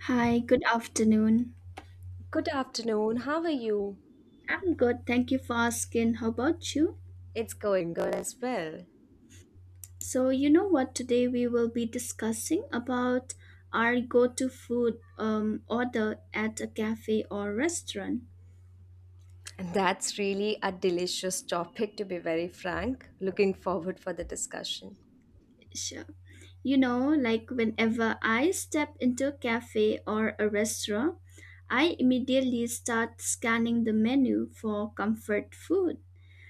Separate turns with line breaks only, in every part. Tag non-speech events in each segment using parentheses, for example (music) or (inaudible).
Hi, good afternoon.
Good afternoon. How are you?
I'm good. Thank you for asking. How about you?
It's going good as well.
So, you know what? Today we will be discussing about our go-to food order at a cafe or restaurant.
And that's really a delicious topic, to be very frank. Looking forward for the discussion.
Sure. You know, like whenever I step into a cafe or a restaurant, I immediately start scanning the menu for comfort food.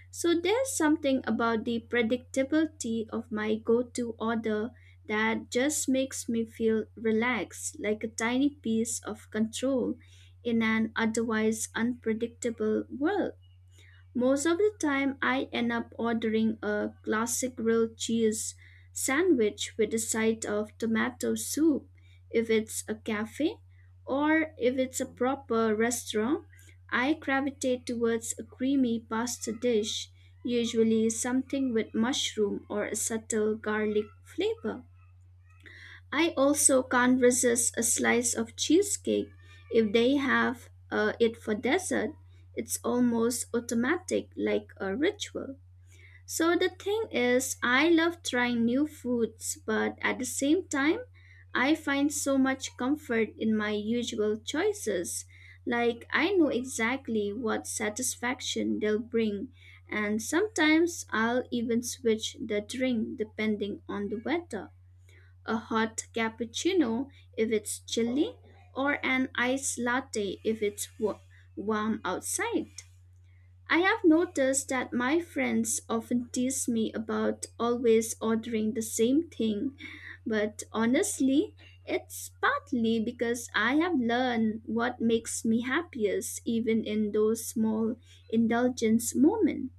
So there's something about the predictability of my go to order that just makes me feel relaxed, like a tiny piece of control in an otherwise unpredictable world. Most of the time, I end up ordering a classic grilled cheese sandwich with a side of tomato soup if it's a cafe, or if it's a proper restaurant, I gravitate towards a creamy pasta dish, usually something with mushroom or a subtle garlic flavor. I also can't resist a slice of cheesecake if they have it for dessert. It's almost automatic, like a ritual. So the thing is, I love trying new foods, but at the same time, I find so much comfort in my usual choices. Like, I know exactly what satisfaction they'll bring, and sometimes I'll even switch the drink depending on the weather, a hot cappuccino if it's chilly, or an iced latte if it's warm outside. I have noticed that my friends often tease me about always ordering the same thing, but honestly, it's partly because I have learned what makes me happiest even in those small indulgence moments.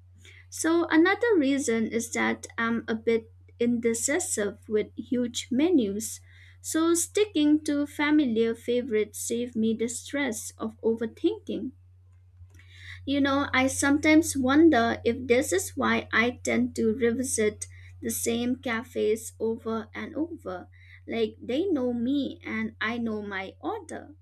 So another reason is that I'm a bit indecisive with huge menus. So sticking to familiar favorites save me the stress of overthinking. You know, I sometimes wonder if this is why I tend to revisit the same cafes over and over. Like they know me and I know my order.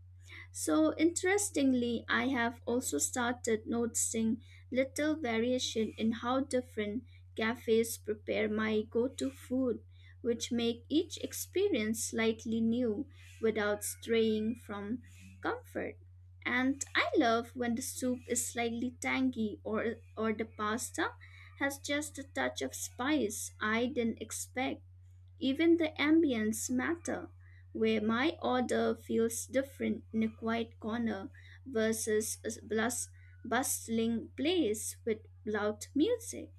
So, interestingly, I have also started noticing little variation in how different cafes prepare my go to food, which make each experience slightly new without straying from comfort. And I love when the soup is slightly tangy or the pasta has just a touch of spice I didn't expect, even the ambience matter, where my order feels different in a quiet corner versus a bustling place with loud music.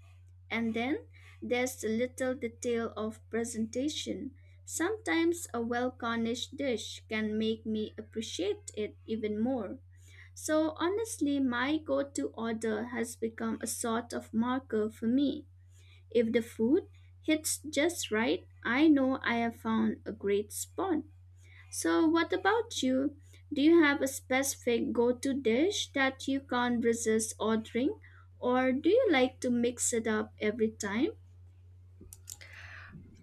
And then there's the little detail of presentation. Sometimes a well garnished dish can make me appreciate it even more. So honestly, my go-to order has become a sort of marker for me, if the food hits just right, I know I have found a great spot. So, what about you? Do you have a specific go to dish that you can't resist ordering, or do you like to mix it up every time?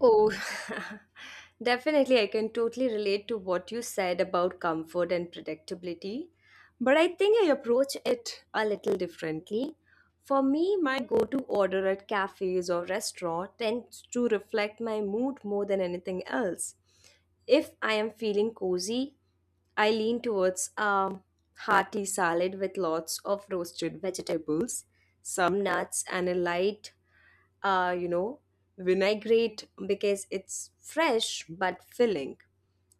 Oh, (laughs) definitely. I can totally relate to what you said about comfort and predictability. But I think I approach it a little differently. For me, my go to order at cafes or restaurant tends to reflect my mood more than anything else. If I am feeling cozy, I lean towards a hearty salad with lots of roasted vegetables, some nuts, and a light uh, you know, vinaigrette because it's fresh but filling.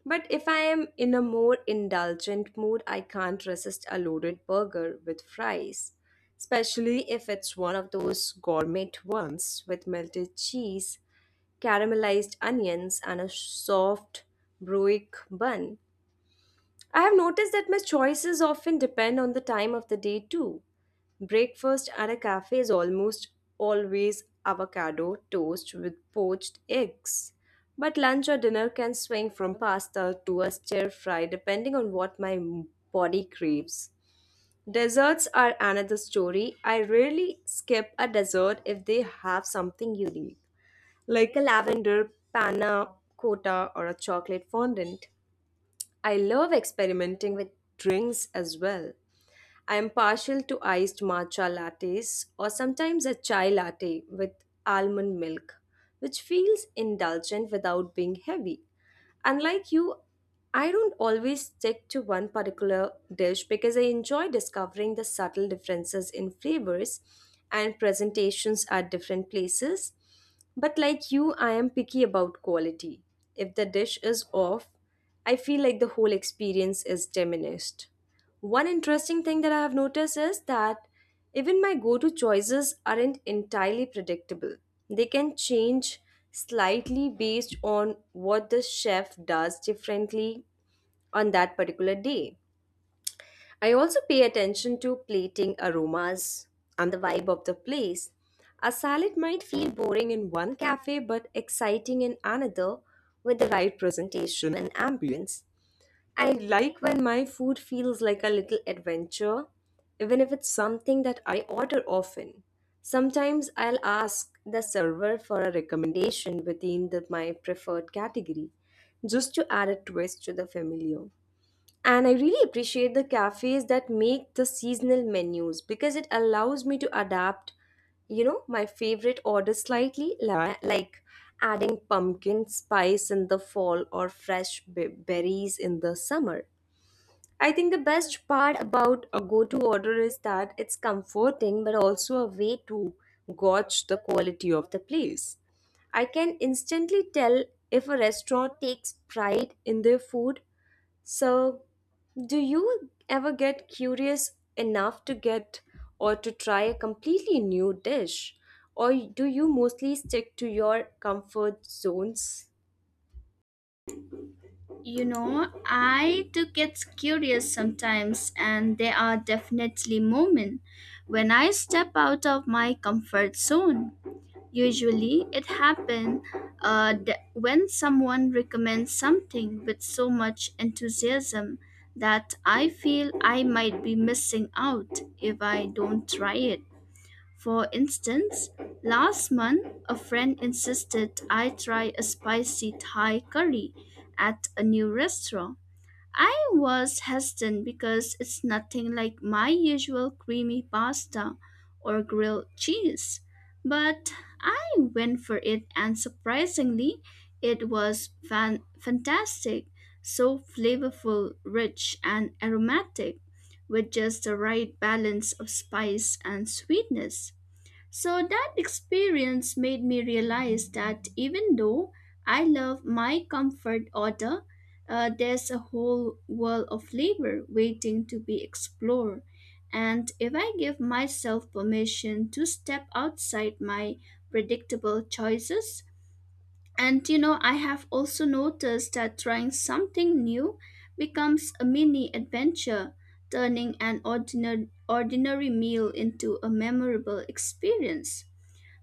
But if I am in a more indulgent mood, I can't resist a loaded burger with fries, especially if it's one of those gourmet ones with melted cheese, caramelized onions, and a soft, broic bun. I have noticed that my choices often depend on the time of the day too. Breakfast at a cafe is almost always avocado toast with poached eggs. But lunch or dinner can swing from pasta to a stir fry depending on what my body craves. Desserts are another story. I rarely skip a dessert if they have something unique, like a lavender panna cotta or a chocolate fondant. I love experimenting with drinks as well. I am partial to iced matcha lattes or sometimes a chai latte with almond milk, which feels indulgent without being heavy. Unlike you, I don't always stick to one particular dish because I enjoy discovering the subtle differences in flavors and presentations at different places. But like you, I am picky about quality. If the dish is off, I feel like the whole experience is diminished. One interesting thing that I have noticed is that even my go to choices aren't entirely predictable. They can change slightly based on what the chef does differently on that particular day. I also pay attention to plating aromas and the vibe of the place. A salad might feel boring in one cafe but exciting in another with the right presentation and ambience. I like when my food feels like a little adventure, even if it's something that I order often. Sometimes I'll ask the server for a recommendation within my preferred category, just to add a twist to the familiar. And I really appreciate the cafes that make the seasonal menus because it allows me to adapt, you know, my favorite order slightly, like adding pumpkin spice in the fall or fresh berries in the summer. I think the best part about a go to order is that it's comforting but also a way to gauge the quality of the place. I can instantly tell if a restaurant takes pride in their food. So, do you ever get curious enough to get or to try a completely new dish? Or do you mostly stick to your comfort zones?
You know, I do get curious sometimes, and there are definitely moments when I step out of my comfort zone. Usually, it happens that when someone recommends something with so much enthusiasm that I feel I might be missing out if I don't try it. For instance, last month a friend insisted I try a spicy Thai curry at a new restaurant. I was hesitant because it's nothing like my usual creamy pasta or grilled cheese, but I went for it, and surprisingly, it was fantastic, so flavorful, rich, and aromatic, with just the right balance of spice and sweetness. So that experience made me realize that even though I love my comfort order, there's a whole world of flavor waiting to be explored. And if I give myself permission to step outside my predictable choices, and you know, I have also noticed that trying something new becomes a mini adventure, turning an ordinary meal into a memorable experience.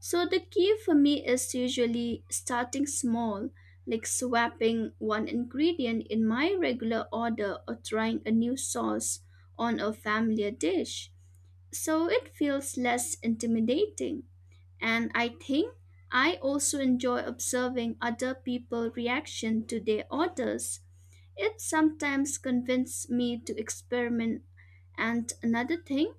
So the key for me is usually starting small, like swapping one ingredient in my regular order or trying a new sauce on a familiar dish. So it feels less intimidating. And I think I also enjoy observing other people's reaction to their orders. It sometimes convinces me to experiment. And another thing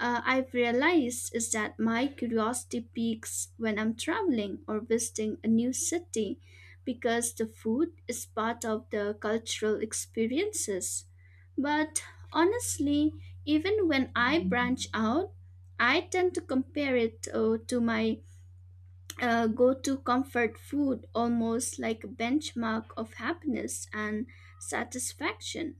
I've realized is that my curiosity peaks when I'm traveling or visiting a new city because the food is part of the cultural experiences. But honestly, even when I branch out, I tend to compare it to my go to comfort food, almost like a benchmark of happiness and satisfaction.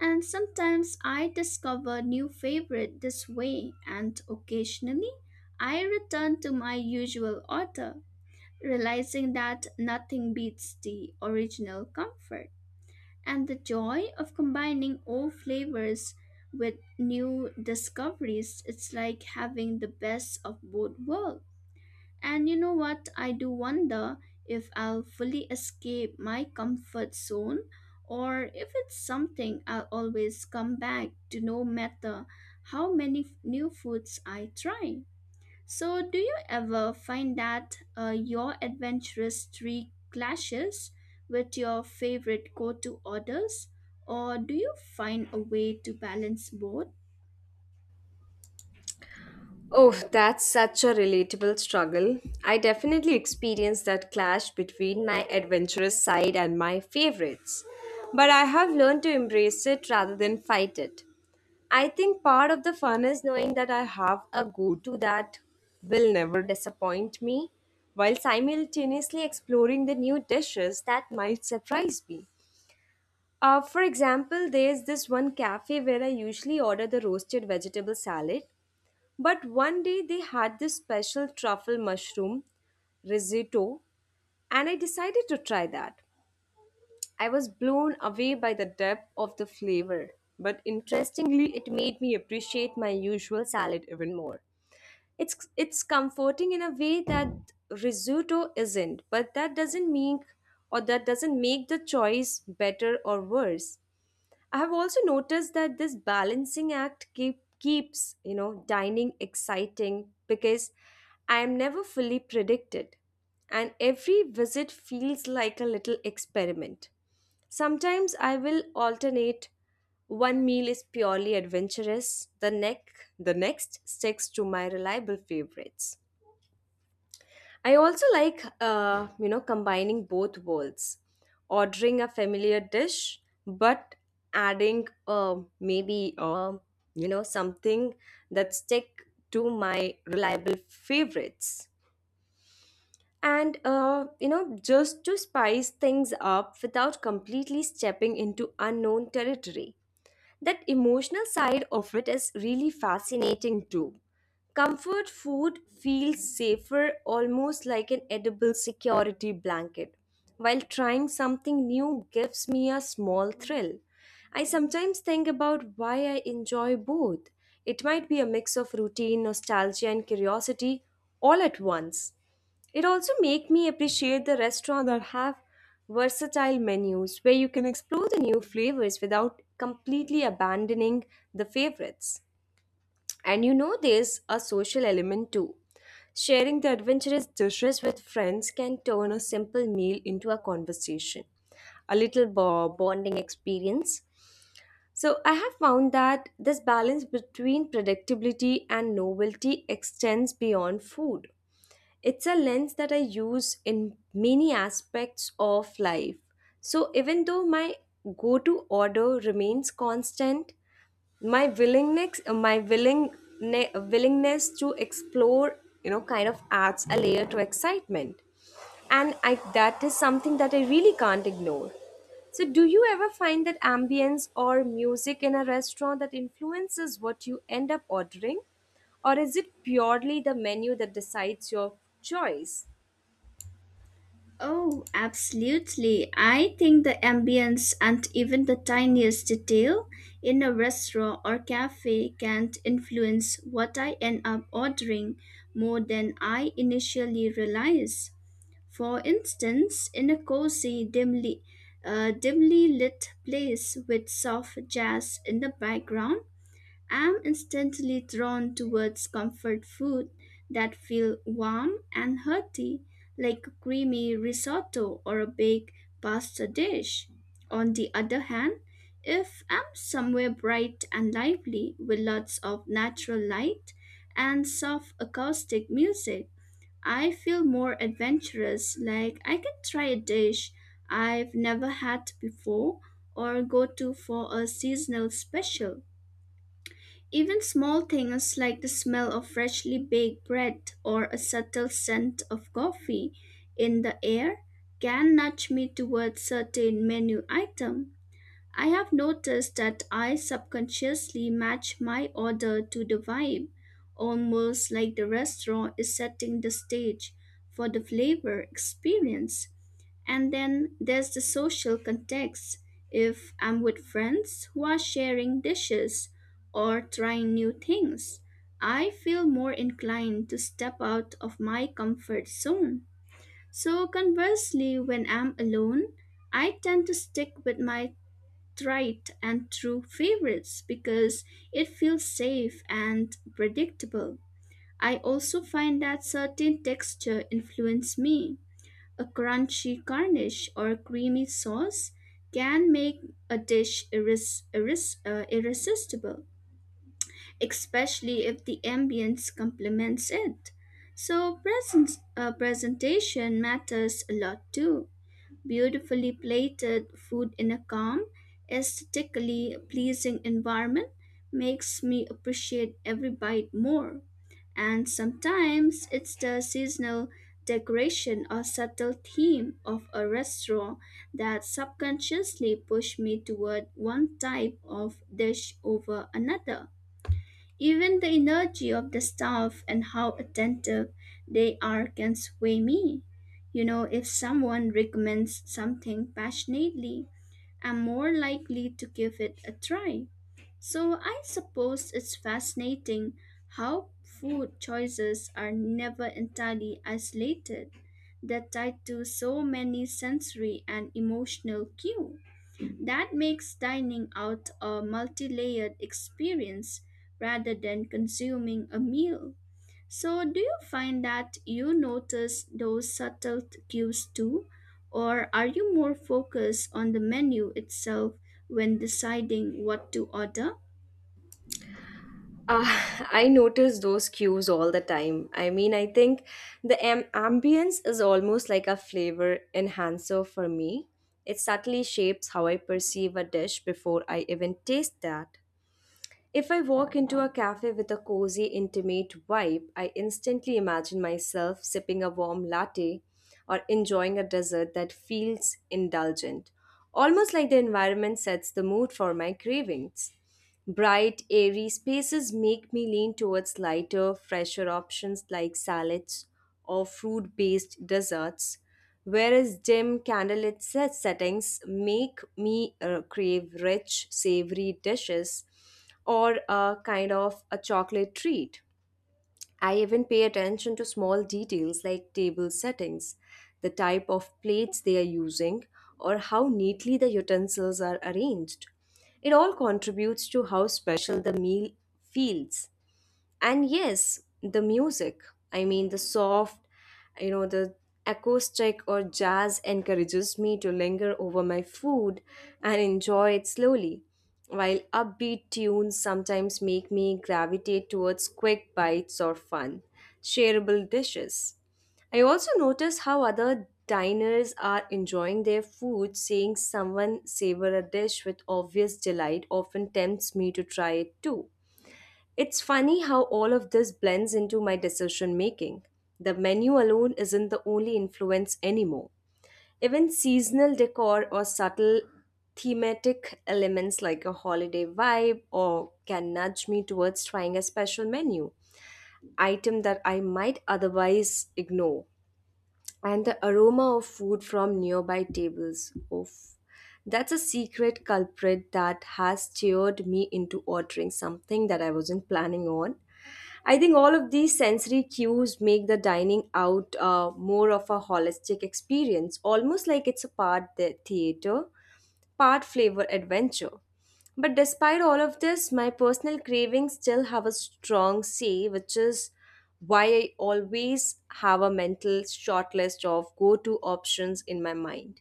And sometimes I discover new favorite this way, and occasionally I return to my usual author, realizing that nothing beats the original comfort. And the joy of combining old flavors with new discoveries, it's like having the best of both worlds. And you know what? I do wonder if I'll fully escape my comfort zone or if it's something I'll always come back to no matter how many new foods I try. So, do you ever find that your adventurous streak clashes with your favorite go to orders, or do you find a way to balance both?
Oh, that's such a relatable struggle. I definitely experienced that clash between my adventurous side and my favorites. But I have learned to embrace it rather than fight it. I think part of the fun is knowing that I have a go to that will never disappoint me, while simultaneously exploring the new dishes that might surprise me. For example, there's this one cafe where I usually order the roasted vegetable salad, but one day they had this special truffle mushroom risotto, and I decided to try that. I was blown away by the depth of the flavor, but interestingly, it made me appreciate my usual salad even more. It's comforting in a way that risotto isn't, but that doesn't mean or that doesn't make the choice better or worse. I have also noticed that this balancing act keeps, you know, dining exciting because I am never fully predicted. And every visit feels like a little experiment. Sometimes I will alternate one meal is purely adventurous, the next sticks to my reliable favorites. I also like, you know, combining both worlds, ordering a familiar dish, but adding you know, something that stick to my reliable favorites. And, you know, just to spice things up without completely stepping into unknown territory. That emotional side of it is really fascinating too. Comfort food feels safer, almost like an edible security blanket, while trying something new gives me a small thrill. I sometimes think about why I enjoy both. It might be a mix of routine, nostalgia, and curiosity all at once. It also make me appreciate the restaurant that have versatile menus where you can explore the new flavors without completely abandoning the favorites. And you know there's a social element too. Sharing the adventurous dishes with friends can turn a simple meal into a conversation, a little bonding experience. So I have found that this balance between predictability and novelty extends beyond food. It's a lens that I use in many aspects of life. So even though my go to order remains constant, my willingness my willing ne- willingness to explore, you know, kind of adds a layer to excitement, and I that is something that I really can't ignore. So do you ever find that ambience or music in a restaurant that influences what you end up ordering, or is it purely the menu that decides your choice?
Oh, absolutely. I think the ambience and even the tiniest detail in a restaurant or cafe can influence what I end up ordering more than I initially realize. For instance, in a cozy, dimly lit place with soft jazz in the background, I'm instantly drawn towards comfort food that feel warm and hearty, like a creamy risotto or a baked pasta dish. On the other hand, if I'm somewhere bright and lively with lots of natural light and soft acoustic music, I feel more adventurous, like I can try a dish I've never had before or go to for a seasonal special. Even small things like the smell of freshly baked bread or a subtle scent of coffee in the air can nudge me towards certain menu item. I have noticed that I subconsciously match my order to the vibe, almost like the restaurant is setting the stage for the flavor experience. And then there's the social context. If I'm with friends who are sharing dishes or trying new things, I feel more inclined to step out of my comfort zone. So, conversely, when I'm alone, I tend to stick with my tried and true favorites because it feels safe and predictable. I also find that certain texture influence me, a crunchy garnish or creamy sauce can make a dish irresistible, especially if the ambience complements it. So, presentation matters a lot too, beautifully plated food in a calm, aesthetically pleasing environment makes me appreciate every bite more. And sometimes it's the seasonal decoration or subtle theme of a restaurant that subconsciously push me toward one type of dish over another. Even the energy of the staff and how attentive they are can sway me. You know, if someone recommends something passionately, I'm more likely to give it a try. So I suppose it's fascinating how food choices are never entirely isolated. They're tied to so many sensory and emotional cues. That makes dining out a multi layered experience rather than consuming a meal. So, do you find that you notice those subtle cues too, or are you more focused on the menu itself when deciding what to order?
Uh, (laughs) I notice those cues all the time. I mean, I think the ambience is almost like a flavor enhancer for me. It subtly shapes how I perceive a dish before I even taste that. If I walk into a cafe with a cozy, intimate vibe, I instantly imagine myself sipping a warm latte or enjoying a dessert that feels indulgent, almost like the environment sets the mood for my cravings. Bright, airy spaces make me lean towards lighter, fresher options like salads or fruit based desserts, whereas dim candlelit settings make me crave rich, savory dishes or a kind of a chocolate treat. I even pay attention to small details like table settings, the type of plates they are using, or how neatly the utensils are arranged. It all contributes to how special the meal feels. And yes, the music, I mean the soft, you know, the acoustic or jazz encourages me to linger over my food and enjoy it slowly, while upbeat tunes sometimes make me gravitate towards quick bites or fun shareable dishes. I also notice how other diners are enjoying their food, seeing someone savor a dish with obvious delight often tempts me to try it too. It's funny how all of this blends into my decision making. The menu alone isn't the only influence anymore. Even seasonal decor or subtle thematic elements like a holiday vibe or can nudge me towards trying a special menu item that I might otherwise ignore. And the aroma of food from nearby tables. Oof. That's a secret culprit that has steered me into ordering something that I wasn't planning on. I think all of these sensory cues make the dining out more of a holistic experience, almost like it's a part the theater, part flavor adventure. But despite all of this, my personal cravings still have a strong say, which is why I always have a mental shortlist of go to options in my mind.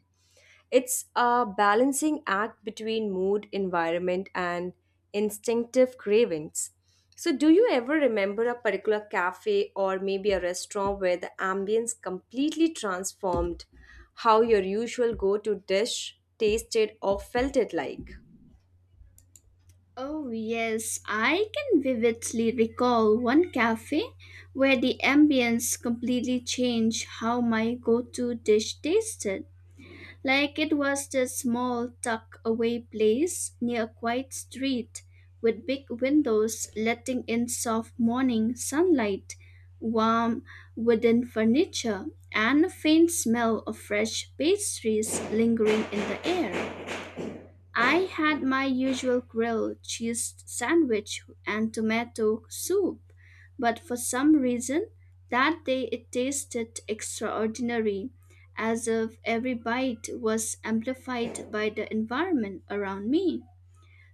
It's a balancing act between mood, environment, and instinctive cravings. So, do you ever remember a particular cafe or maybe a restaurant where the ambience completely transformed how your usual go to dish tasted or felt it like?
Oh, yes, I can vividly recall one cafe where the ambience completely changed how my go to dish tasted. Like it was this small tucked away place near a quiet street with big windows letting in soft morning sunlight, warm wooden furniture, and a faint smell of fresh pastries lingering in the air. I had my usual grilled cheese sandwich and tomato soup, but for some reason that day it tasted extraordinary, as if every bite was amplified by the environment around me.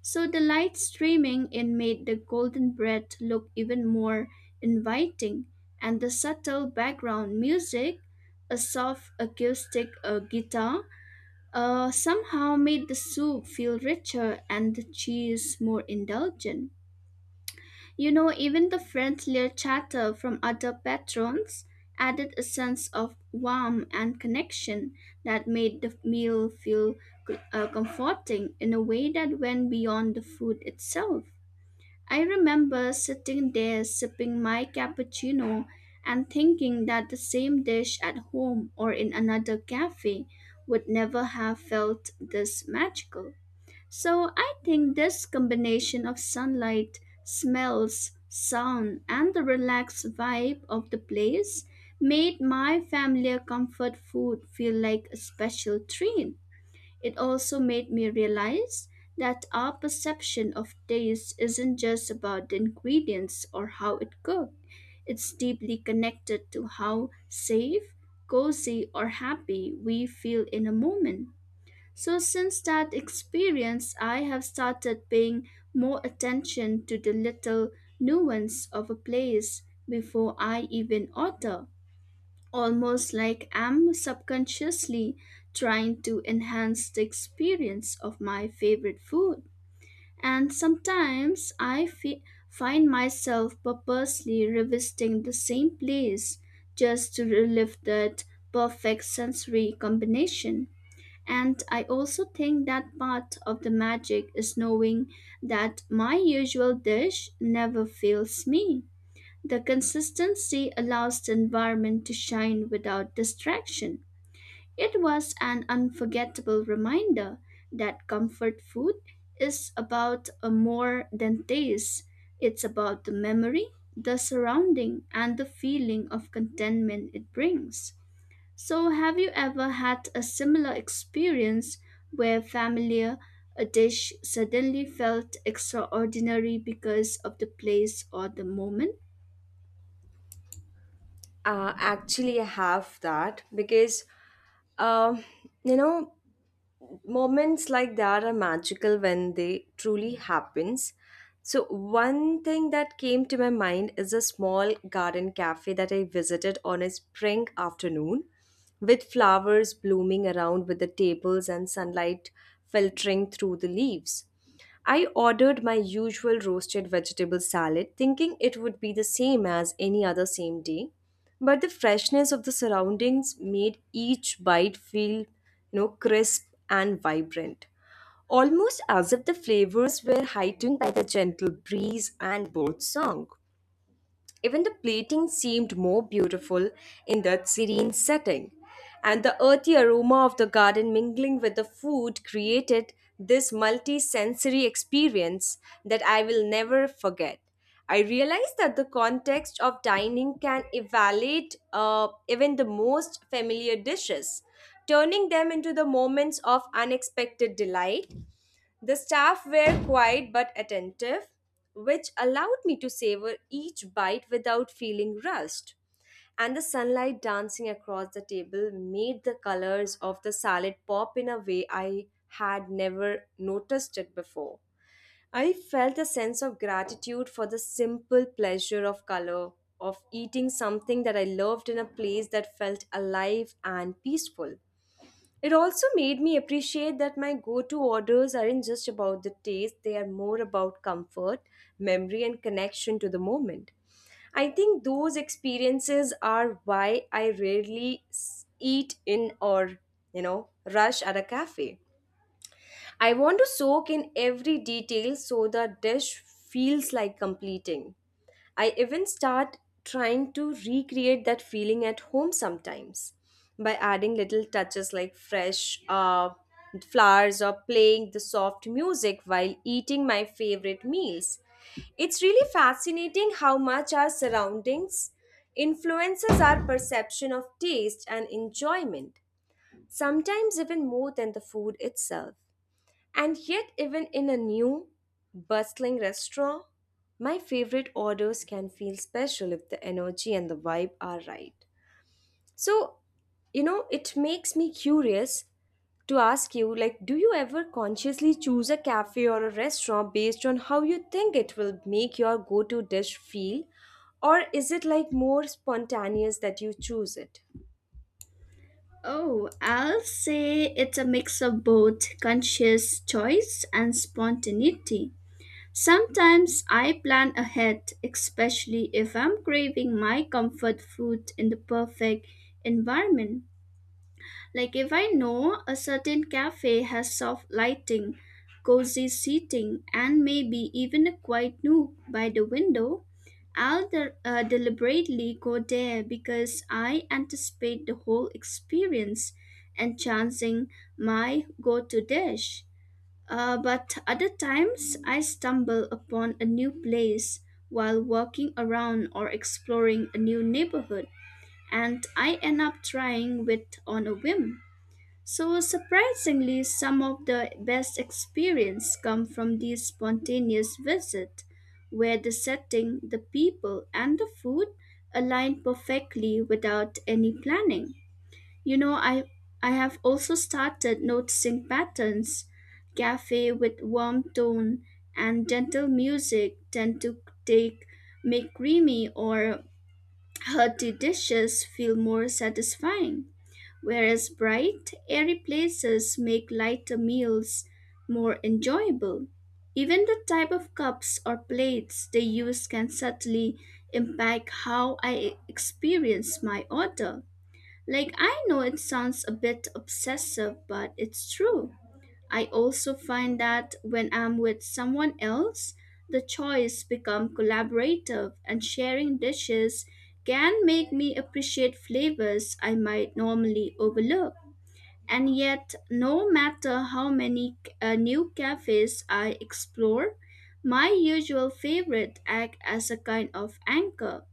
So the light streaming in made the golden bread look even more inviting, and the subtle background music, a soft acoustic guitar, somehow made the soup feel richer and the cheese more indulgent. You know, even the friendlier chatter from other patrons added a sense of warmth and connection that made the meal feel comforting in a way that went beyond the food itself. I remember sitting there sipping my cappuccino and thinking that the same dish at home or in another cafe would never have felt this magical. So I think this combination of sunlight, smells, sound, and the relaxed vibe of the place made my familiar comfort food feel like a special treat. It also made me realize that our perception of taste isn't just about the ingredients or how it cooked. It's deeply connected to how safe, cozy, or happy we feel in a moment. So, since that experience, I have started paying more attention to the little nuance of a place before I even order, almost like I'm subconsciously trying to enhance the experience of my favorite food. And sometimes I find myself purposely revisiting the same place just to relive that perfect sensory combination. And I also think that part of the magic is knowing that my usual dish never fails me. The consistency allows the environment to shine without distraction. It was an unforgettable reminder that comfort food is about a more than taste. It's about the memory, the surrounding, and the feeling of contentment it brings. So, have you ever had a similar experience where familiar a dish suddenly felt extraordinary because of the place or the moment?
Actually, I have that because, um, you know, moments like that are magical when they truly happens. So one thing that came to my mind is a small garden cafe that I visited on a spring afternoon with flowers blooming around with the tables and sunlight filtering through the leaves. I ordered my usual roasted vegetable salad thinking it would be the same as any other same day, but the freshness of the surroundings made each bite feel, you know, crisp and vibrant, almost as if the flavors were heightened by the gentle breeze and bird song. Even the plating seemed more beautiful in that serene setting, and the earthy aroma of the garden mingling with the food created this multi sensory experience that I will never forget. I realized that the context of dining can evaluate even the most familiar dishes, turning them into the moments of unexpected delight. The staff were quiet but attentive, which allowed me to savor each bite without feeling rushed. And the sunlight dancing across the table made the colors of the salad pop in a way I had never noticed it before. I felt a sense of gratitude for the simple pleasure of color, of eating something that I loved in a place that felt alive and peaceful. It also made me appreciate that my go to orders aren't just about the taste, they are more about comfort, memory, and connection to the moment. I think those experiences are why I rarely eat in or, you know, rush at a cafe. I want to soak in every detail so the dish feels like completing. I even start trying to recreate that feeling at home sometimes by adding little touches like fresh flowers or playing the soft music while eating my favorite meals. It's really fascinating how much our surroundings influences our perception of taste and enjoyment, sometimes even more than the food itself. And yet, even in a new, bustling restaurant, my favorite orders can feel special if the energy and the vibe are right. So, you know, it makes me curious to ask you like, do you ever consciously choose a cafe or a restaurant based on how you think it will make your go-to dish feel, or is it like more spontaneous that you choose it?
Oh, I'll say it's a mix of both conscious choice and spontaneity. Sometimes I plan ahead, especially if I'm craving my comfort food in the perfect environment. Like if I know a certain cafe has soft lighting, cozy seating, and maybe even a quiet nook by the window, I'll deliberately go there because I anticipate the whole experience and chancing my go-to dish. But other times I stumble upon a new place while walking around or exploring a new neighborhood and I end up trying with on a whim. So surprisingly, some of the best experience come from these spontaneous visits, where the setting, the people, and the food align perfectly without any planning. You know, I have also started noticing patterns. Cafe with warm tone and gentle music tend to take make creamy or hearty dishes feel more satisfying, whereas bright, airy places make lighter meals more enjoyable. Even the type of cups or plates they use can subtly impact how I experience my order. Like, I know it sounds a bit obsessive, but it's true. I also find that when I'm with someone else, the choice become collaborative and sharing dishes can make me appreciate flavors I might normally overlook. And yet, no matter how many new cafes I explore, my usual favorite act as a kind of anchor.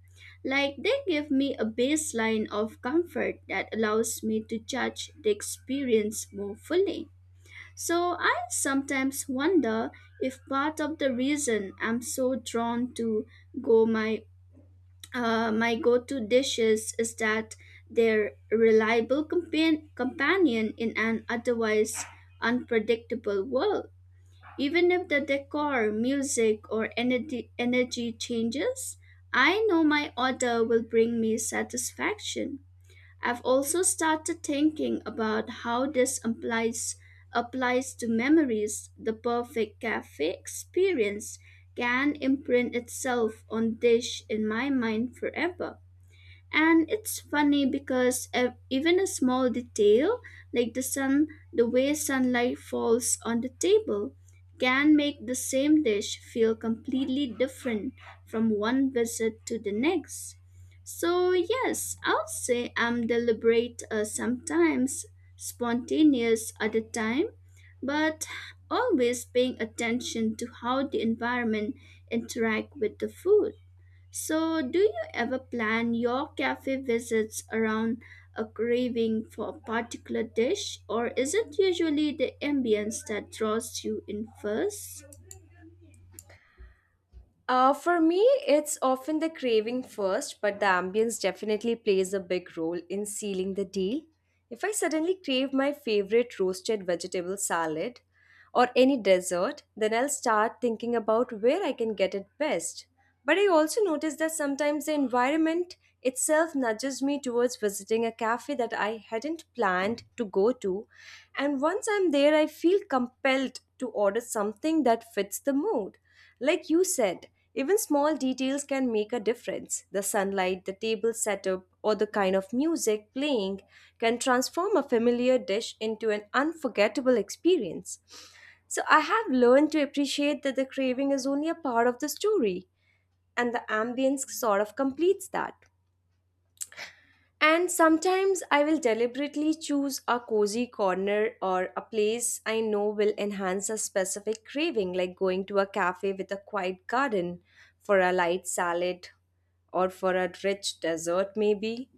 Like they give me a baseline of comfort that allows me to judge the experience more fully. So I sometimes wonder if part of the reason I'm so drawn to gourmet my go-to dishes is that they're reliable companion in an otherwise unpredictable world. Even if the decor, music, or energy changes, I know my order will bring me satisfaction. I've also started thinking about how this applies to memories. The perfect cafe experience can imprint itself on dish in my mind forever. And it's funny because even a small detail, like the sun, the way sunlight falls on the table, can make the same dish feel completely different from one visit to the next. So, yes, I'll say I'm deliberate sometimes, spontaneous other time, but always paying attention to how the environment interact with the food. So, do you ever plan your cafe visits around a craving for a particular dish, or is it usually the ambience that draws you in first?
For me, it's often the craving first, but the ambience definitely plays a big role in sealing the deal. If I suddenly crave my favorite roasted vegetable salad, or any dessert, then I'll start thinking about where I can get it best. But I also notice that sometimes the environment itself nudges me towards visiting a cafe that I hadn't planned to go to, and once I'm there, I feel compelled to order something that fits the mood. Like you said, even small details can make a difference. The sunlight, the table setup, or the kind of music playing can transform a familiar dish into an unforgettable experience. So I have learned to appreciate that the craving is only a part of the story, and the ambience sort of completes that. And sometimes I will deliberately choose a cozy corner or a place I know will enhance a specific craving, like going to a cafe with a quiet garden for a light salad or for a rich dessert, maybe.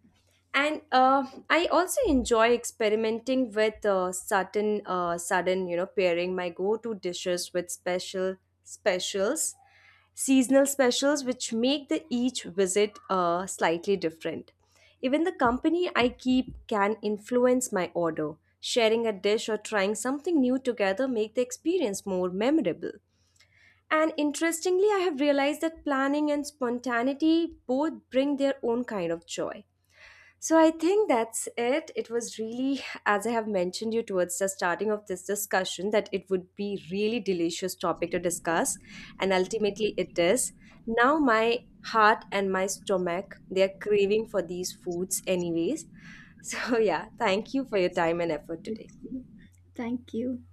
And I also enjoy experimenting with you know, pairing my go-to dishes with specials, seasonal specials, which make the each visit slightly different. Even the company I keep can influence my order. Sharing a dish or trying something new together make the experience more memorable. And interestingly, I have realized that planning and spontaneity both bring their own kind of joy. So I think that's it. It was really, as I have mentioned you towards the starting of this discussion, that it would be really delicious topic to discuss, and ultimately it is. Now my heart and my stomach they are craving for these foods anyways. (laughs) So yeah, thank you for your time and
Absolutely.
effort today.
Thank you.